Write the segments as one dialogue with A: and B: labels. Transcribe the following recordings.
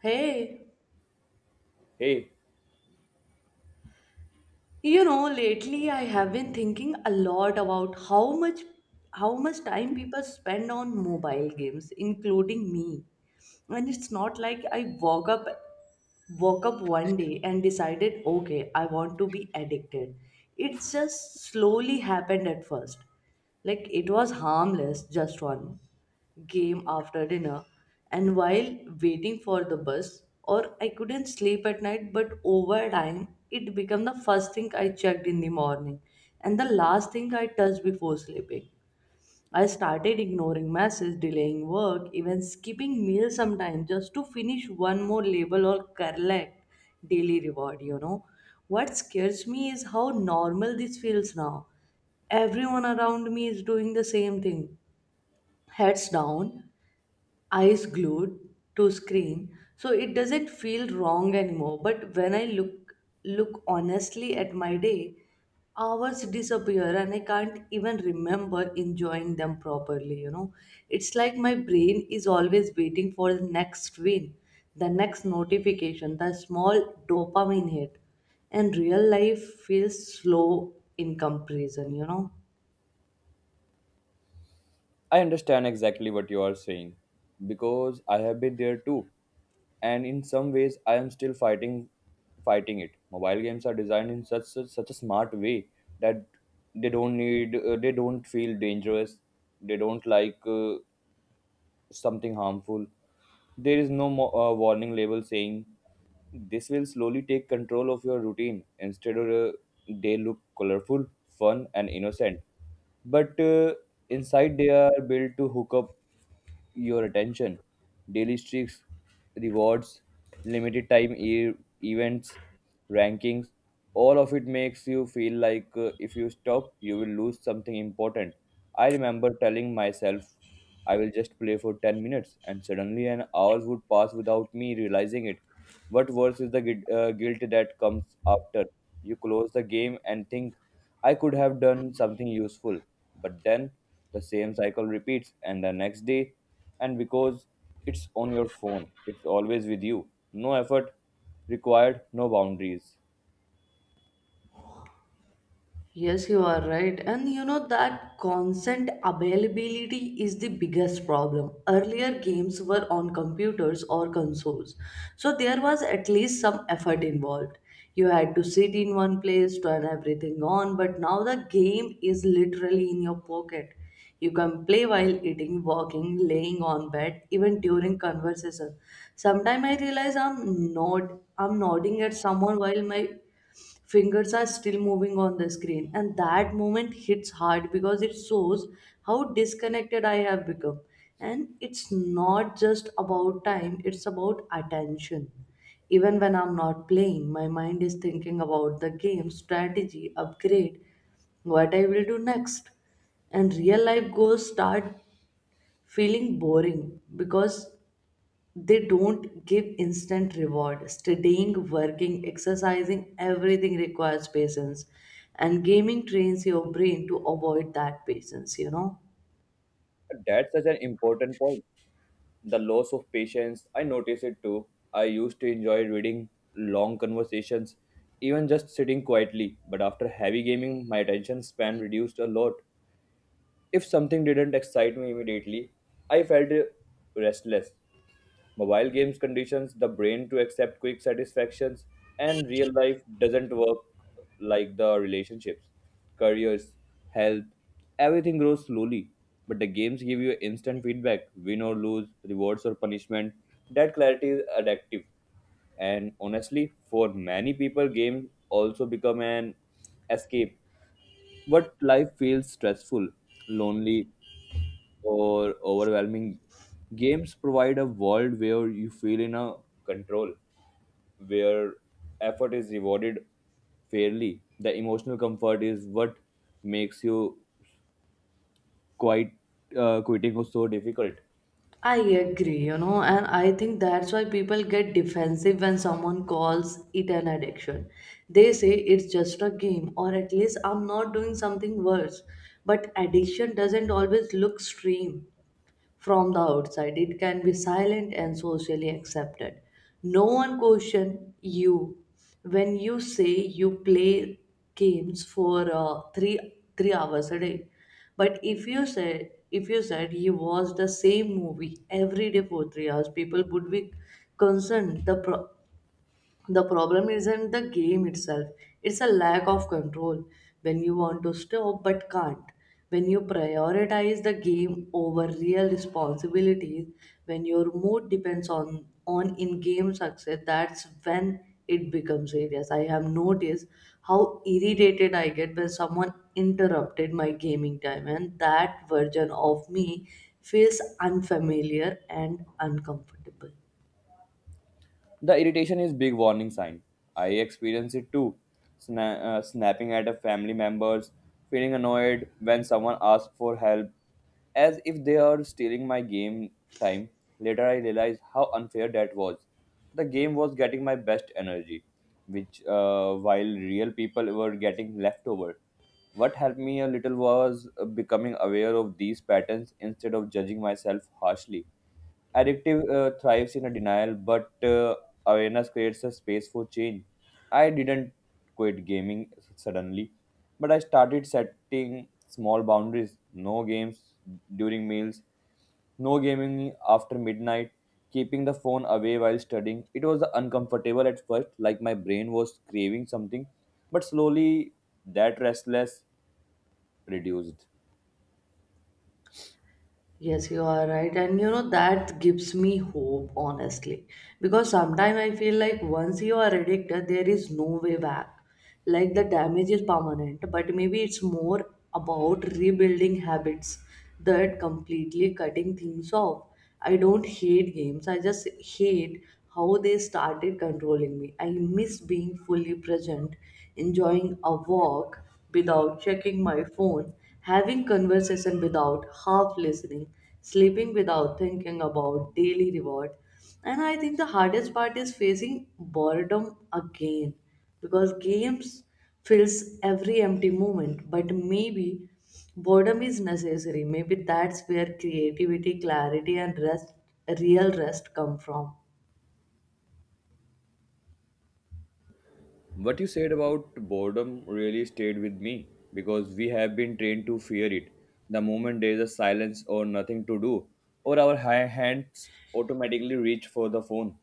A: Hey,
B: Hey,
A: you know, lately I have been thinking a lot about how much time people spend on mobile games, including me. And it's not like I woke up one day and decided, okay, I want to be addicted. It just slowly happened at first. Like, it was harmless, just one game after dinner and while waiting for the bus, or I couldn't sleep at night. But over time it became the first thing I checked in the morning and the last thing I touched before sleeping. I started ignoring messages, delaying work, even skipping meals sometimes just to finish one more label or collect daily reward, you know. What scares me is how normal this feels now. Everyone around me is doing the same thing. Heads down, eyes glued to screen, so it doesn't feel wrong anymore. But when I look honestly at my day, hours disappear and I can't even remember enjoying them properly, you know. It's like my brain is always waiting for the next win, the next notification, the small dopamine hit, and real life feels slow in comparison, you know.
B: I understand exactly what you are saying because I have been there too. And in some ways I am still fighting it. Mobile games are designed in such a smart way that they don't feel dangerous. They don't like something harmful. There is no warning label saying this will slowly take control of your routine. Instead, they look colorful, fun, and innocent. But inside, they are built to hook up your attention. Daily streaks rewards, limited time events, rankings, all of it makes you feel like if you stop, you will lose something important. I remember telling myself, I will just play for 10 minutes, and suddenly an hour would pass without me realizing it. What worse is the guilt that comes after you close the game and think, I could have done something useful, but then the same cycle repeats and the next day, and because it's on your phone, it's always with you. No effort required, no boundaries.
A: Yes, you are right. And you know, that constant availability is the biggest problem. Earlier games were on computers or consoles, so there was at least some effort involved. You had to sit in one place, turn everything on. But now the game is literally in your pocket. You can play while eating, walking, laying on bed, even during conversation. Sometimes I realize I'm nodding at someone while my fingers are still moving on the screen, and that moment hits hard because it shows how disconnected I have become. And it's not just about time, it's about attention. Even when I'm not playing, my mind is thinking about the game, strategy, upgrade, what I will do next. And real life goals start feeling boring because they don't give instant reward. Studying, working, exercising, everything requires patience, and gaming trains your brain to avoid that patience, you know.
B: That's such an important point. The loss of patience, I notice it too. I used to enjoy reading long conversations, even just sitting quietly, but after heavy gaming, my attention span reduced a lot. If something didn't excite me immediately, I felt restless. Mobile games conditions the brain to accept quick satisfactions, and real life doesn't work like the relationships, careers, health, everything grows slowly. But the games give you instant feedback win or lose, rewards or punishment. That clarity is addictive. And honestly, for many people, games also become an escape. What life feels stressful, lonely, or overwhelming. Games provide a world where you feel in a control, where effort is rewarded fairly. The emotional comfort is what makes you quite quitting was so difficult.
A: I agree, you know, and I think that's why people get defensive when someone calls it an addiction. They say it's just a game, or at least I'm not doing something worse. But addiction doesn't always look extreme from the outside. It can be silent and socially accepted. No one question you when you say you play games for three hours a day. But if you said you watch the same movie every day for 3 hours, people would be concerned. The problem isn't the game itself, it's a lack of control. When you want to stop but can't, when you prioritize the game over real responsibilities, when your mood depends on in game success, that's when it becomes serious. I have noticed how irritated I get when someone interrupted my gaming time, and that version of me feels unfamiliar and uncomfortable.
B: The irritation is big warning sign. I experience it too. Snapping at a family members, feeling annoyed when someone asks for help, as if they are stealing my game time. Later, I realized how unfair that was. The game was getting my best energy, which while real people were getting leftover. What helped me a little was becoming aware of these patterns instead of judging myself harshly. Addictive thrives in a denial, but awareness creates a space for change. I didn't quit gaming suddenly, but I started setting small boundaries no games during meals, no gaming after midnight, keeping the phone away while studying. It was uncomfortable at first, like my brain was craving something, but slowly that restless reduced.
A: Yes, you are right. And you know, that gives me hope, honestly. Because sometimes I feel like once you are addicted, there is no way back. Like the damage is permanent. But maybe it's more about rebuilding habits that completely cutting things off. I don't hate games, I just hate how they started controlling me. I miss being fully present, enjoying a walk without checking my phone, having conversation without half listening, sleeping without thinking about daily reward. And I think the hardest part is facing boredom again, because games fills every empty moment. But maybe boredom is necessary. Maybe that's where creativity, clarity, and rest, real rest come from.
B: What you said about boredom really stayed with me because we have been trained to fear it. The moment there is a silence or nothing to do, or our hands automatically reach for the phone.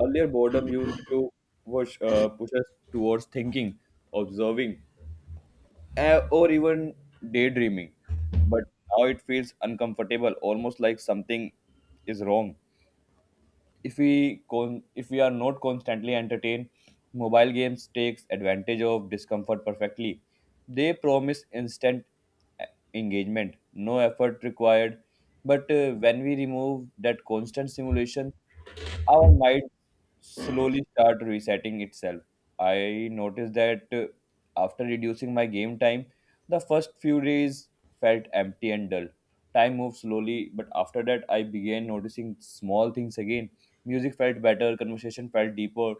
B: Earlier, boredom used to push us towards thinking, observing, or even daydreaming. But now it feels uncomfortable, almost like something is wrong if we are not constantly entertained. Mobile games takes advantage of discomfort perfectly. They promise instant e- engagement, no effort required, but when we remove that constant simulation our mind slowly start resetting itself. I noticed that after reducing my game time, the first few days felt empty and dull. Time moved slowly, but after that, I began noticing small things again. Music felt better, conversation felt deeper,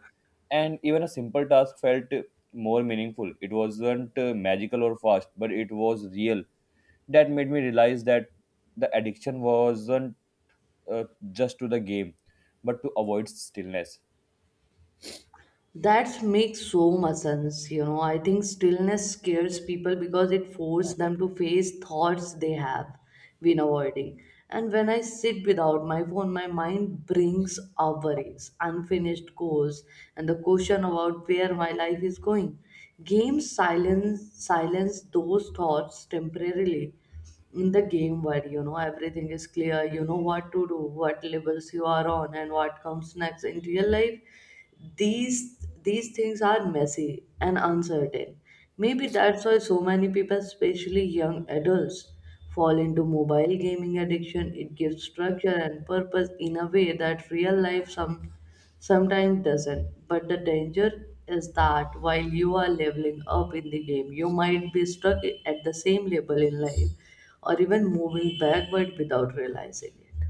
B: and even a simple task felt more meaningful. It wasn't magical or fast, but it was real. That made me realize that the addiction wasn't uh, just to the game, but to avoid stillness.
A: That makes so much sense. You know, I think stillness scares people because it forces them to face thoughts they have been avoiding. And when I sit without my phone, my mind brings up worries, unfinished goals, and the question about where my life is going. Games silence those thoughts temporarily. In the game, where you know everything is clear, you know what to do, what levels you are on and what comes next. In real life, these these things are messy and uncertain. Maybe that's why so many people, especially young adults, fall into mobile gaming addiction. It gives structure and purpose in a way that real life sometimes doesn't. But the danger is that while you are leveling up in the game, you might be stuck at the same level in life, or even moving backward without realizing it.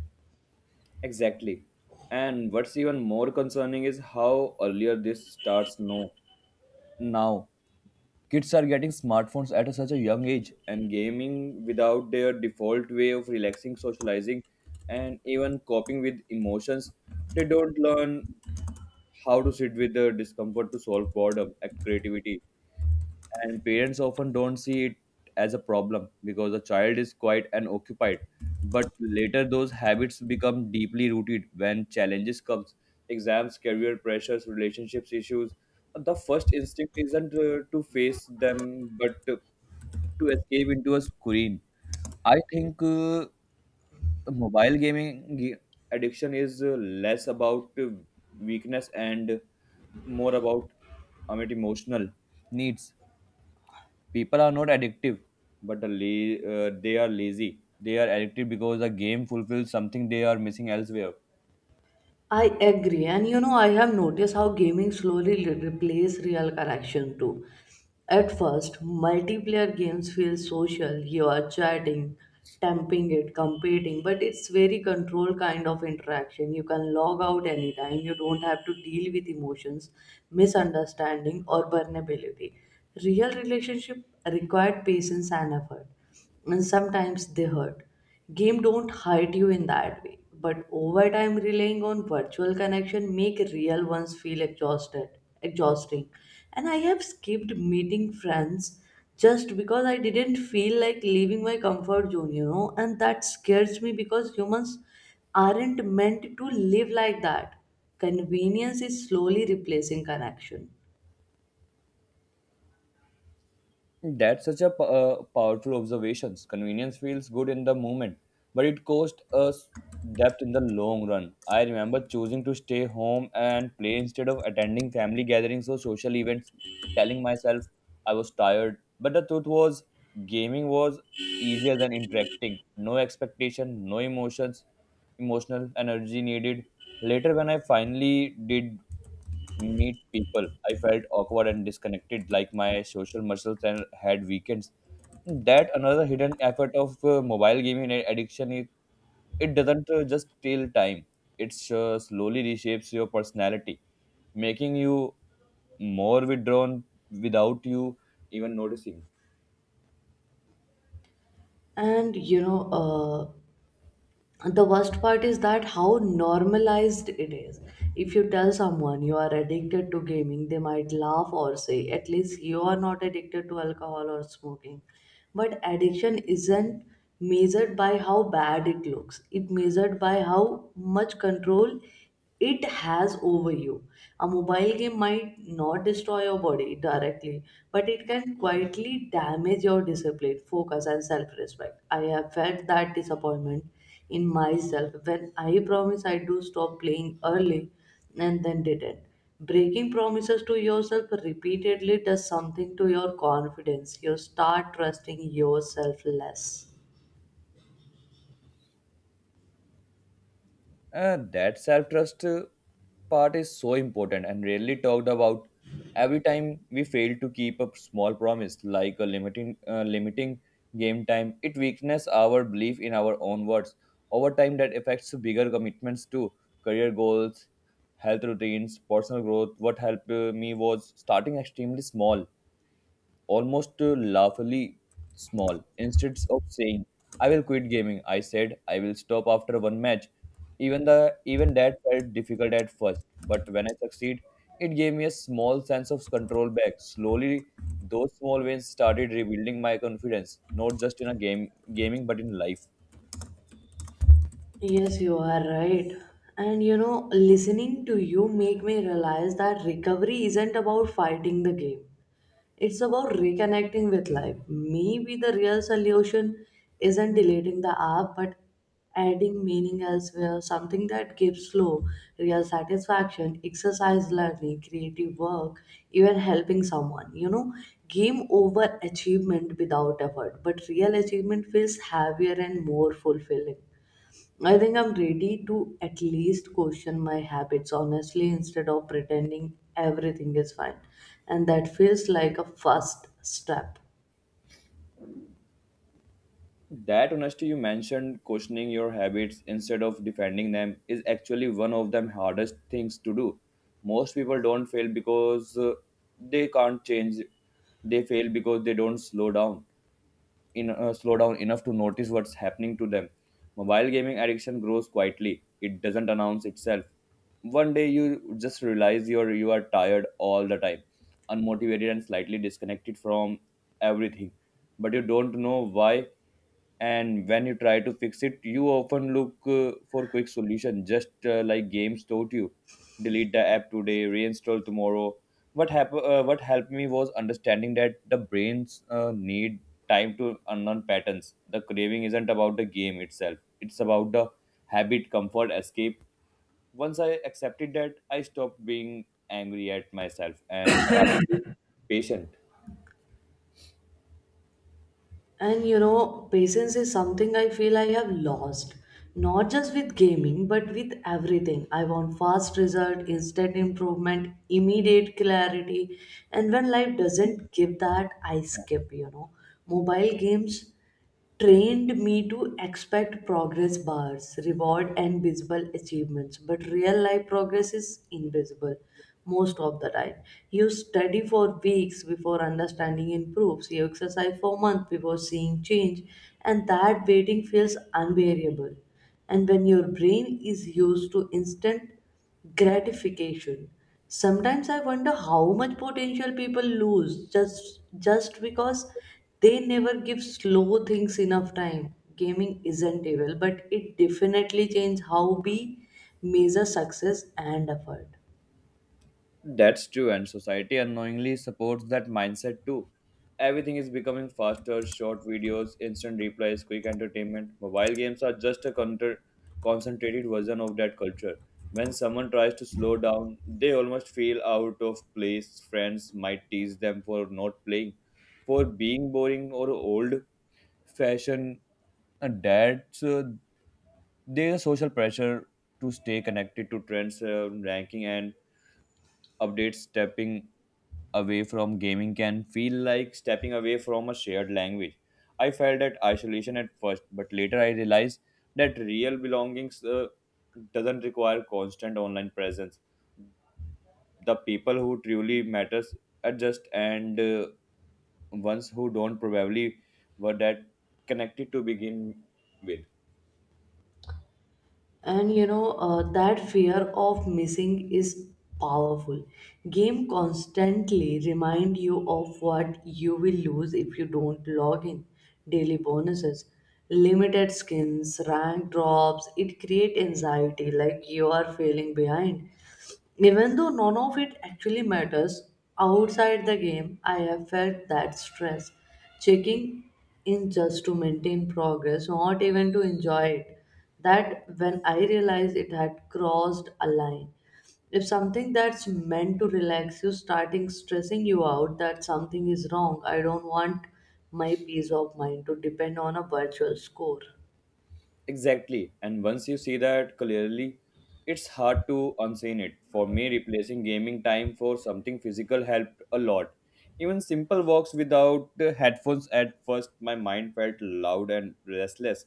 B: Exactly. And what's even more concerning is how earlier this starts now. Now, kids are getting smartphones at such a young age, and gaming without their default way of relaxing, socializing, and even coping with emotions. They don't learn how to sit with the discomfort to solve boredom and creativity, and parents often don't see it as a problem because the child is quite occupied. But later those habits become deeply rooted when challenges comes, exams career pressures relationships issues, the first instinct isn't to face them but to escape into a screen. I think mobile gaming ga- addiction is less about weakness and more about emotional needs. People are not addictive but they are lazy, they are addicted because the game fulfills something they are missing elsewhere.
A: I agree, and you know, I have noticed how gaming slowly replace real connection too. At first, multiplayer games feel social. You are chatting, temping it, competing, but it's very controlled kind of interaction. You can log out anytime. You don't have to deal with emotions, misunderstanding, or vulnerability. Real relationship required patience and effort, and sometimes they hurt. Game don't hurt you in that way, but over time relying on virtual connection make real ones feel exhausted exhausting. And I have skipped meeting friends just because I didn't feel like leaving my comfort zone, you know. And that scares me because humans aren't meant to live like that. Convenience is slowly replacing connection.
B: That's such a powerful observations. Convenience feels good in the moment, but it costs us depth in the long run. I remember choosing to stay home and play instead of attending family gatherings or social events, telling myself I was tired. But the truth was, gaming was easier than interacting. No expectation, no emotions, emotional energy needed. Later, when I finally did meet people, I felt awkward and disconnected, like my social muscles and had weekends. That another hidden effort of mobile gaming and addiction is it doesn't just steal time; it slowly reshapes your personality, making you more withdrawn without you even noticing.
A: And you know, the worst part is that how normalized it is. If you tell someone you are addicted to gaming, they might laugh or say, at least you are not addicted to alcohol or smoking. But addiction isn't measured by how bad it looks, it measured by how much control it has over you. A mobile game might not destroy your body directly, but it can quietly damage your discipline, focus, and self-respect. I have felt that disappointment in myself when I promise I do stop playing early and then didn't. Breaking promises to yourself repeatedly does something to your confidence. You start trusting yourself less.
B: That self trust part is so important and rarely talked about. Every time we fail to keep a small promise, like a limiting game time, it weakens our belief in our own words. Over time, that affects bigger commitments to career goals, health routines, personal growth. What helped me was starting extremely small, almost laughably small. Instead of saying, I will quit gaming, I said, I will stop after one match. Even that felt difficult at first, but when I succeed, it gave me a small sense of control back. Slowly, those small wins started rebuilding my confidence, not just in a game gaming but in life.
A: Yes, you are right. And you know, listening to you make me realize that recovery isn't about fighting the game. It's about reconnecting with life. Maybe the real solution isn't deleting the app, but adding meaning elsewhere, something that gives flow, real satisfaction, exercise, learning, creative work, even helping someone. You know, game over achievement without effort, but real achievement feels heavier and more fulfilling. I think I'm ready to at least question my habits honestly instead of pretending everything is fine. And that feels like a first step.
B: That honesty you mentioned, questioning your habits instead of defending them, is actually one of the hardest things to do. Most people don't fail because they can't change. They fail because they don't slow down enough to notice what's happening to them. Mobile gaming addiction grows quietly. It doesn't announce itself. One day you just realize you are tired all the time, unmotivated and slightly disconnected from everything, but you don't know why. And when you try to fix it you often look for quick solution, just like games taught you, delete the app today reinstall tomorrow. What happened what helped me was understanding that the brains need time to unlearn patterns. The craving isn't about the game itself, it's about the habit, comfort, escape. Once I accepted that I stopped being angry at myself and started being patient.
A: And you know, patience is something I feel I have lost. Not just with gaming, but with everything. I want fast result, instant improvement, immediate clarity. And when life doesn't give that, I skip, you know. Mobile games trained me to expect progress bars, reward, and visible achievements. But real life progress is invisible most of the time. You study for weeks before understanding improves, you exercise for months before seeing change, and that waiting feels unbearable. And when your brain is used to instant gratification. Sometimes I wonder how much potential people lose just because they never give slow things enough time. Gaming isn't evil, but it definitely changes how we measure success and effort.
B: That's true, and society unknowingly supports that mindset too. Everything is becoming faster, short videos, instant replies, quick entertainment. Mobile games are just a concentrated version of that culture. When someone tries to slow down, they almost feel out of place. Friends might tease them for not playing, for being boring or old fashioned. And that's there's a social pressure to stay connected to trends, ranking, and updates, stepping away from gaming can feel like stepping away from a shared language. I felt that isolation at first, but later I realized that real belongings doesn't require constant online presence. The people who truly matters adjust, and ones who don't probably were that connected to begin with.
A: And you know, that fear of missing is powerful. Game constantly remind you of what you will lose if you don't log in. Daily bonuses, limited skins, rank drops, it create anxiety like you are feeling behind, even though none of it actually matters outside the game. I have felt that stress. Checking in just to maintain progress, not even to enjoy it. That when I realized it had crossed a line. If something that's meant to relax you starting stressing you out, that something is wrong. I don't want my peace of mind to depend on a virtual score.
B: Exactly. And once you see that clearly, it's hard to unseen it. For me, replacing gaming time for something physical helped a lot. Even simple walks without the headphones, at first, my mind felt loud and restless.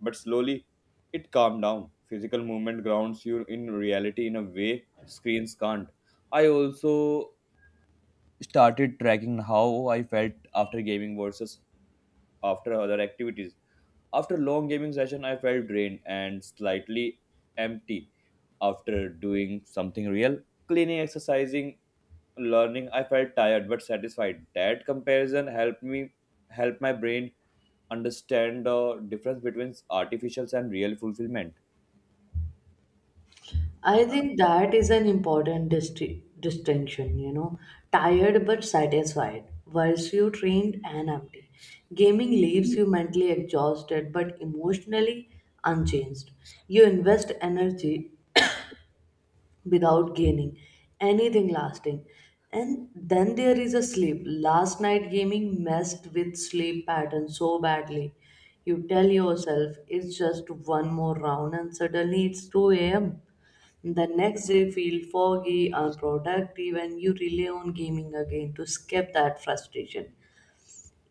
B: But slowly, it calmed down. Physical movement grounds you in reality in a way screens can't. I also started tracking how I felt after gaming versus after other activities. After long gaming session, I felt drained and slightly empty. After doing something real, cleaning, exercising, learning, I felt tired but satisfied. That comparison helped me help my brain understand the difference between artificial and real fulfillment.
A: I think that is an important distinction, you know. Tired but satisfied, whilst you trained and empty. Gaming leaves you mentally exhausted but emotionally unchanged. You invest energy without gaining anything lasting. And then there is a sleep. Last night gaming messed with sleep pattern so badly. You tell yourself it's just one more round, and suddenly it's 2 a.m. The next day feel foggy, unproductive, and you rely on gaming again to escape that frustration.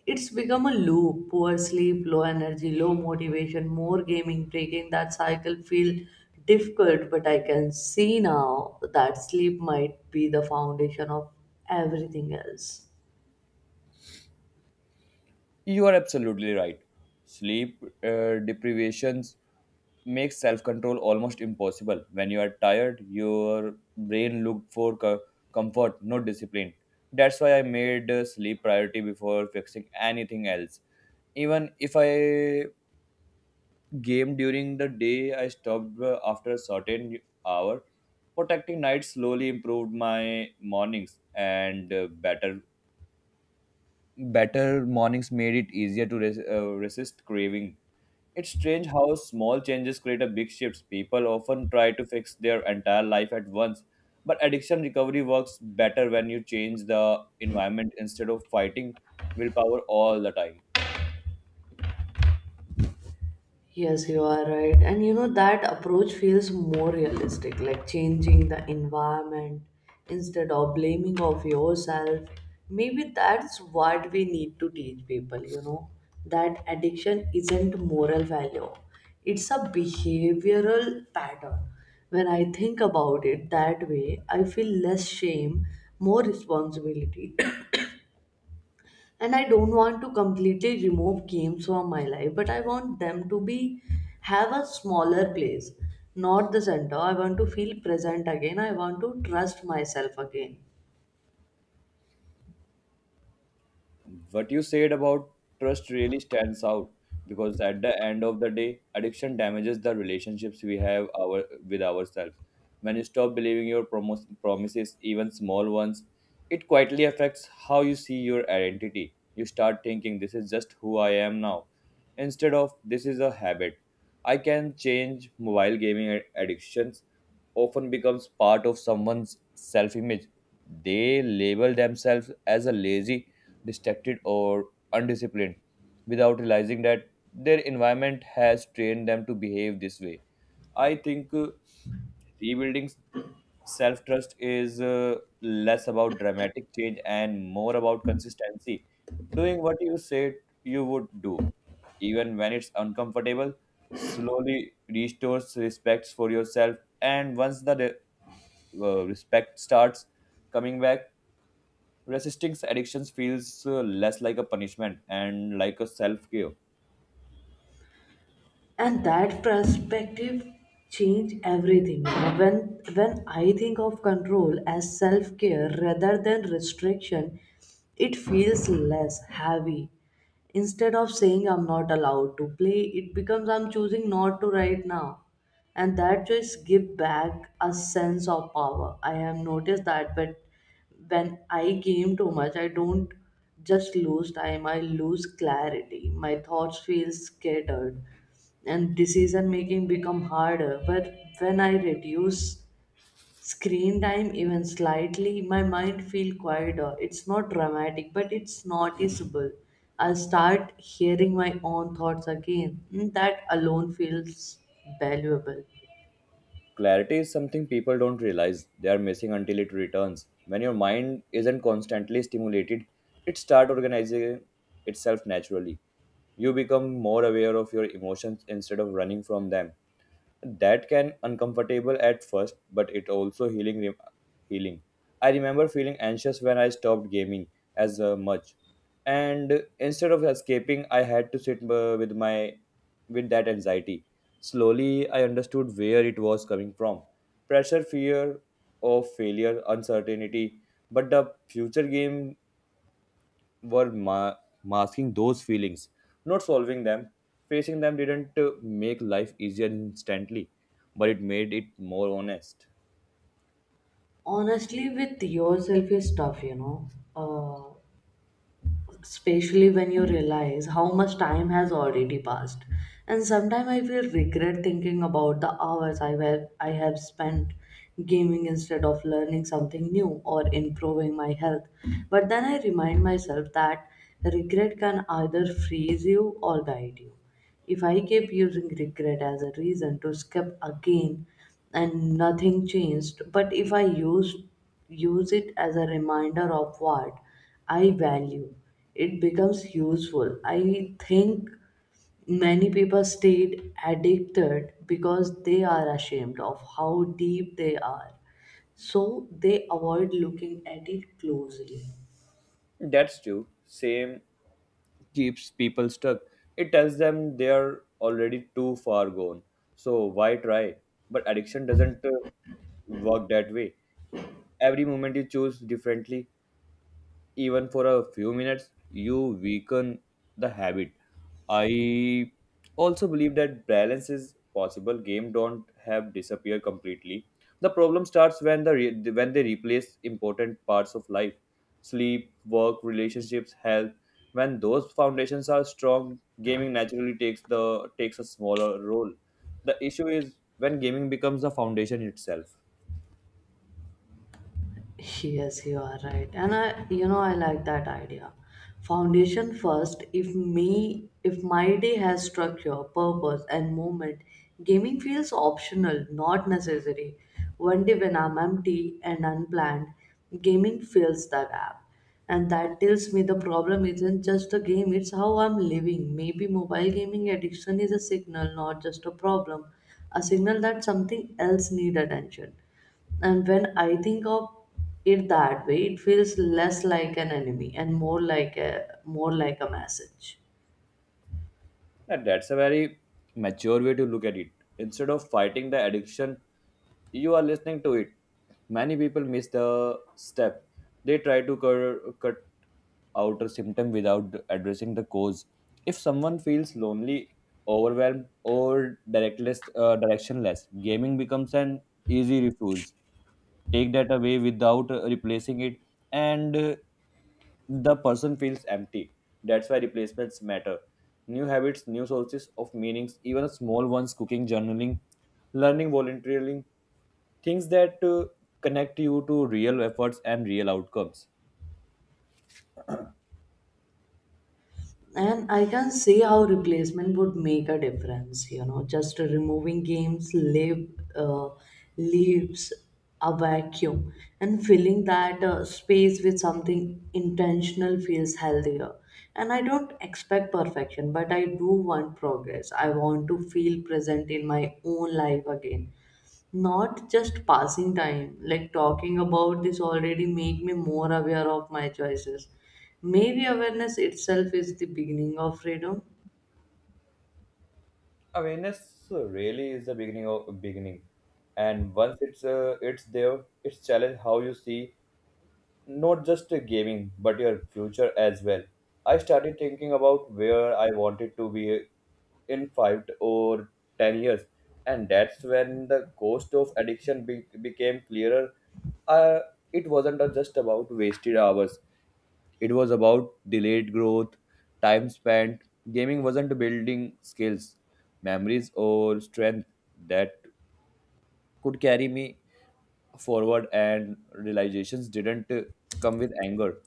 A: It's become a loop. Poor sleep, low energy, low motivation, more gaming, breaking that cycle feel difficult. But I can see now that sleep might be the foundation of everything else.
B: You are absolutely right. Sleep deprivations makes self-control almost impossible. When you are tired, your brain look for comfort, not discipline. That's why I made sleep priority before fixing anything else. Even if I game during the day, I stopped after a certain hour. Protecting night slowly improved my mornings, and better mornings made it easier to resist craving. It's strange how small changes create a big shifts. People often try to fix their entire life at once, but addiction recovery works better when you change the environment instead of fighting willpower all the time.
A: Yes, you are right. And you know, that approach feels more realistic, like changing the environment instead of blaming of yourself. Maybe that's what we need to teach people, you know, that addiction isn't moral value. It's a behavioral pattern. When I think about it that way, I feel less shame, more responsibility. And I don't want to completely remove games from my life, but I want them to be have a smaller place, not the center. I want to feel present again, I want to trust myself again.
B: What you said about trust really stands out because at the end of the day, addiction damages the relationships we have our with ourselves. When you stop believing your promises, even small ones, it quietly affects how you see your identity. You start thinking this is just who I am now, instead of this is a habit. I can change mobile gaming addictions often becomes part of someone's self image. They label themselves as a lazy, distracted, or undisciplined without realizing that their environment has trained them to behave this way. I think. Rebuilding self trust is less about dramatic change and more about consistency, doing what you said you would do, even when it's uncomfortable. Slowly restores respect for yourself, and once the respect starts coming back, resisting addictions feels less like a punishment and like a self care.
A: And that perspective change everything, you know. When I think of control as self care rather than restriction, it feels less heavy. Instead of saying I'm not allowed to play, it becomes I'm choosing not to right now, and that choice give back a sense of power. I have noticed that. But when I game too much, I don't just lose time, I lose clarity, my thoughts feel scattered and decision making become harder. But when I reduce screen time even slightly, my mind feel quieter. It's not dramatic, but it's noticeable. I start hearing my own thoughts again. Mm, that alone feels valuable.
B: Clarity is something people don't realize they are missing until it returns. When your mind isn't constantly stimulated, it starts organizing itself naturally. You become more aware of your emotions instead of running from them. That can uncomfortable at first, but it also healing. I remember feeling anxious when I stopped gaming as much, and instead of escaping, I had to sit with that anxiety. Slowly, I understood where it was coming from pressure, fear of failure, uncertainty. But the future game were masking those feelings, not solving them. Facing them didn't make life easier instantly, but it made it more honest.
A: Honestly with yourself is tough, you know. uh, Especially when you realize how much time has already passed. And sometimes I feel regret thinking about the hours I have spent gaming instead of learning something new or improving my health. But then I remind myself that regret can either freeze you or guide you. If I kept using regret as a reason to skip again and nothing changed, but if I used use it as a reminder of what I value, it becomes useful. I think many people stayed addicted because they are ashamed of how deep they are, so they avoid looking at it closely.
B: That's true. Same keeps people stuck. It tells them they are already too far gone. So why try? But addiction doesn't work that way. Every moment you choose differently, even for a few minutes, you weaken the habit. I also believe that balance is possible. Game don't have disappear completely. The problem starts when they replace important parts of life, sleep, work, relationships, health. When those foundations are strong, gaming naturally takes a smaller role. The issue is when gaming becomes the foundation itself.
A: Yes, you are right. And I, you know, I like that idea. Foundation first, if me, if my day has structure, purpose, and movement, gaming feels optional, not necessary. One day when I'm empty and unplanned, gaming fills the gap. And that tells me the problem isn't just the game, it's how I'm living. Maybe mobile gaming addiction is a signal, not just a problem. A signal that something else needs attention. And when I think of it that way, it feels less like an enemy and more like a message.
B: And that's a very mature way to look at it. Instead of fighting the addiction, you are listening to it. Many people miss the step. They try to cut out a symptom without addressing the cause. If someone feels lonely, overwhelmed, or directionless, gaming becomes an easy refuge take that away without replacing it and the person feels empty. That's why replacements matter, new habits, new sources of meanings, even small ones, cooking, journaling, learning, volunteering, things that connect you to real efforts and real outcomes.
A: And I can see how replacement would make a difference, you know. Just removing games uh, leaves a vacuum, and filling that space with something intentional feels healthier. And I don't expect perfection, but I do want progress. I want to feel present in my own life again, not just passing time. Like talking about this already make me more aware of my choices. Maybe awareness itself is the beginning of freedom.
B: Awareness really is the beginning of beginning, and once it's there it's challenge how you see not just gaming but your future as well. I started thinking about where I wanted to be in 5 or 10 years, and that's when the cost of addiction became clearer. Uh, it wasn't uh, just about wasted hours, it was about delayed growth. Time spent gaming wasn't building skills, memories, or strength that could carry me forward, and realizations didn't come with anger,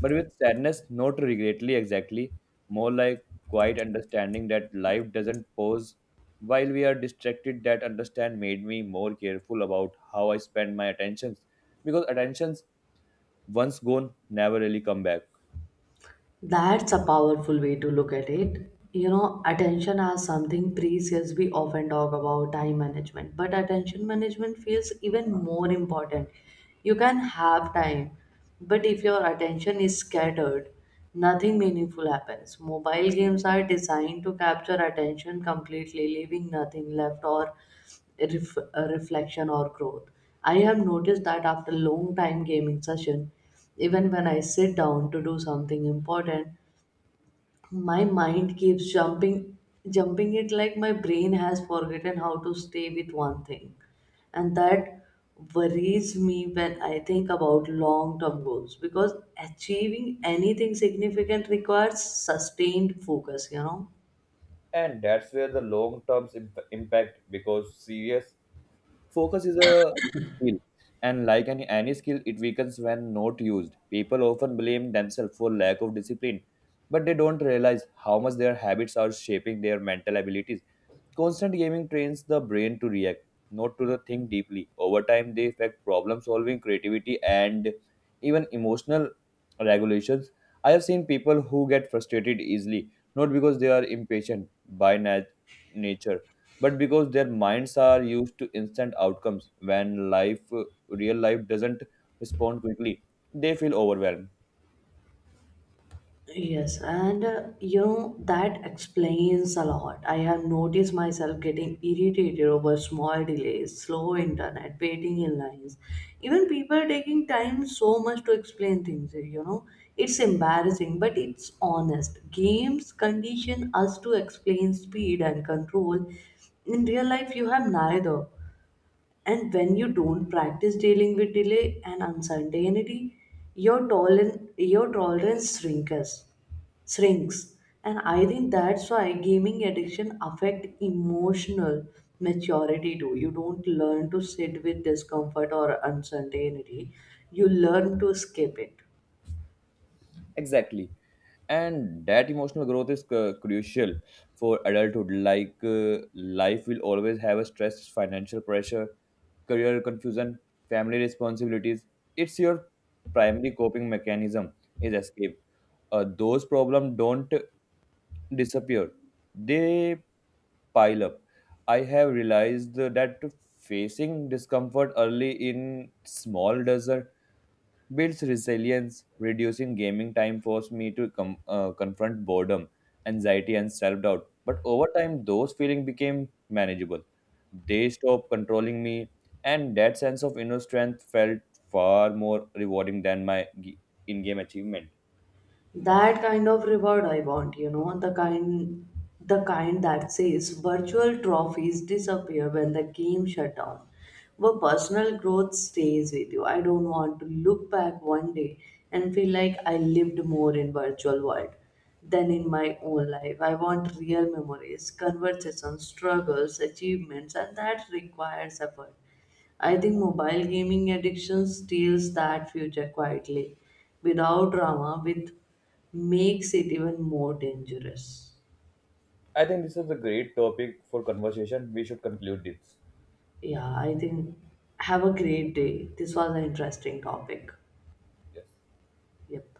B: but with sadness, not regretly exactly, more like quiet understanding that life doesn't pause. While we are distracted, that understand made me more careful about how I spend my attentions, because attentions once gone never really come back.
A: That's a powerful way to look at it. You know, attention as something precious. We often talk about time management, but attention management feels even more important. You can have time, but if your attention is scattered, nothing meaningful happens. Mobile games are designed to capture attention completely, leaving nothing left or reflection or growth. I have noticed that after long time gaming session, even when I sit down to do something important, my mind keeps jumping it. Like my brain has forgotten how to stay with one thing. And that worries me when I think about long term goals, because achieving anything significant requires sustained focus, you know.
B: And that's where the long term impact because serious. Focus is a skill, and like any skill, it weakens when not used. People often blame themselves for lack of discipline, but they don't realize how much their habits are shaping their mental abilities. Constant gaming trains the brain to react, not to the think deeply. Over time, they affect problem solving, creativity, and even emotional regulations. I have seen people who get frustrated easily, not because they are impatient by nature, but because their minds are used to instant outcomes. When life, real life, doesn't respond quickly, they feel overwhelmed.
A: Yes, and you know, that explains a lot. I have noticed myself getting irritated over small delays, slow internet, waiting in lines, even people taking time so much to explain things. You know, it's embarrassing, but it's honest. Games condition us to explain speed and control. In real life, you have neither. And when you don't practice dealing with delay and uncertainty, your tolerance shrinks. shrinks. And I think that's why gaming addiction affect emotional maturity too. You don't learn to sit with discomfort or uncertainty. You learn to escape it.
B: Exactly. And that emotional growth is crucial for adulthood. Like life will always have a stress, financial pressure, career confusion, family responsibilities. It's your primary coping mechanism is escape. Those problems don't disappear. They pile up. I have realized that facing discomfort early in small doesn't builds resilience. Reducing gaming time forced me to confront boredom, anxiety, and self doubt. But over time, those feelings became manageable. They stopped controlling me, and that sense of inner strength felt far more rewarding than my in game achievement.
A: That kind of reward I want, you know. The kind that says virtual trophies disappear when the game shut down, but personal growth stays with you. I don't want to look back one day and feel like I lived more in virtual world than in my own life. I want real memories, conversations, struggles, achievements, and that requires effort. I think mobile gaming addiction steals that future quietly, without drama, with makes it even more dangerous.
B: I think this is a great topic for conversation. We should conclude this.
A: Yeah, I think have a great day. This was an interesting topic.
B: Yes.
A: Yep.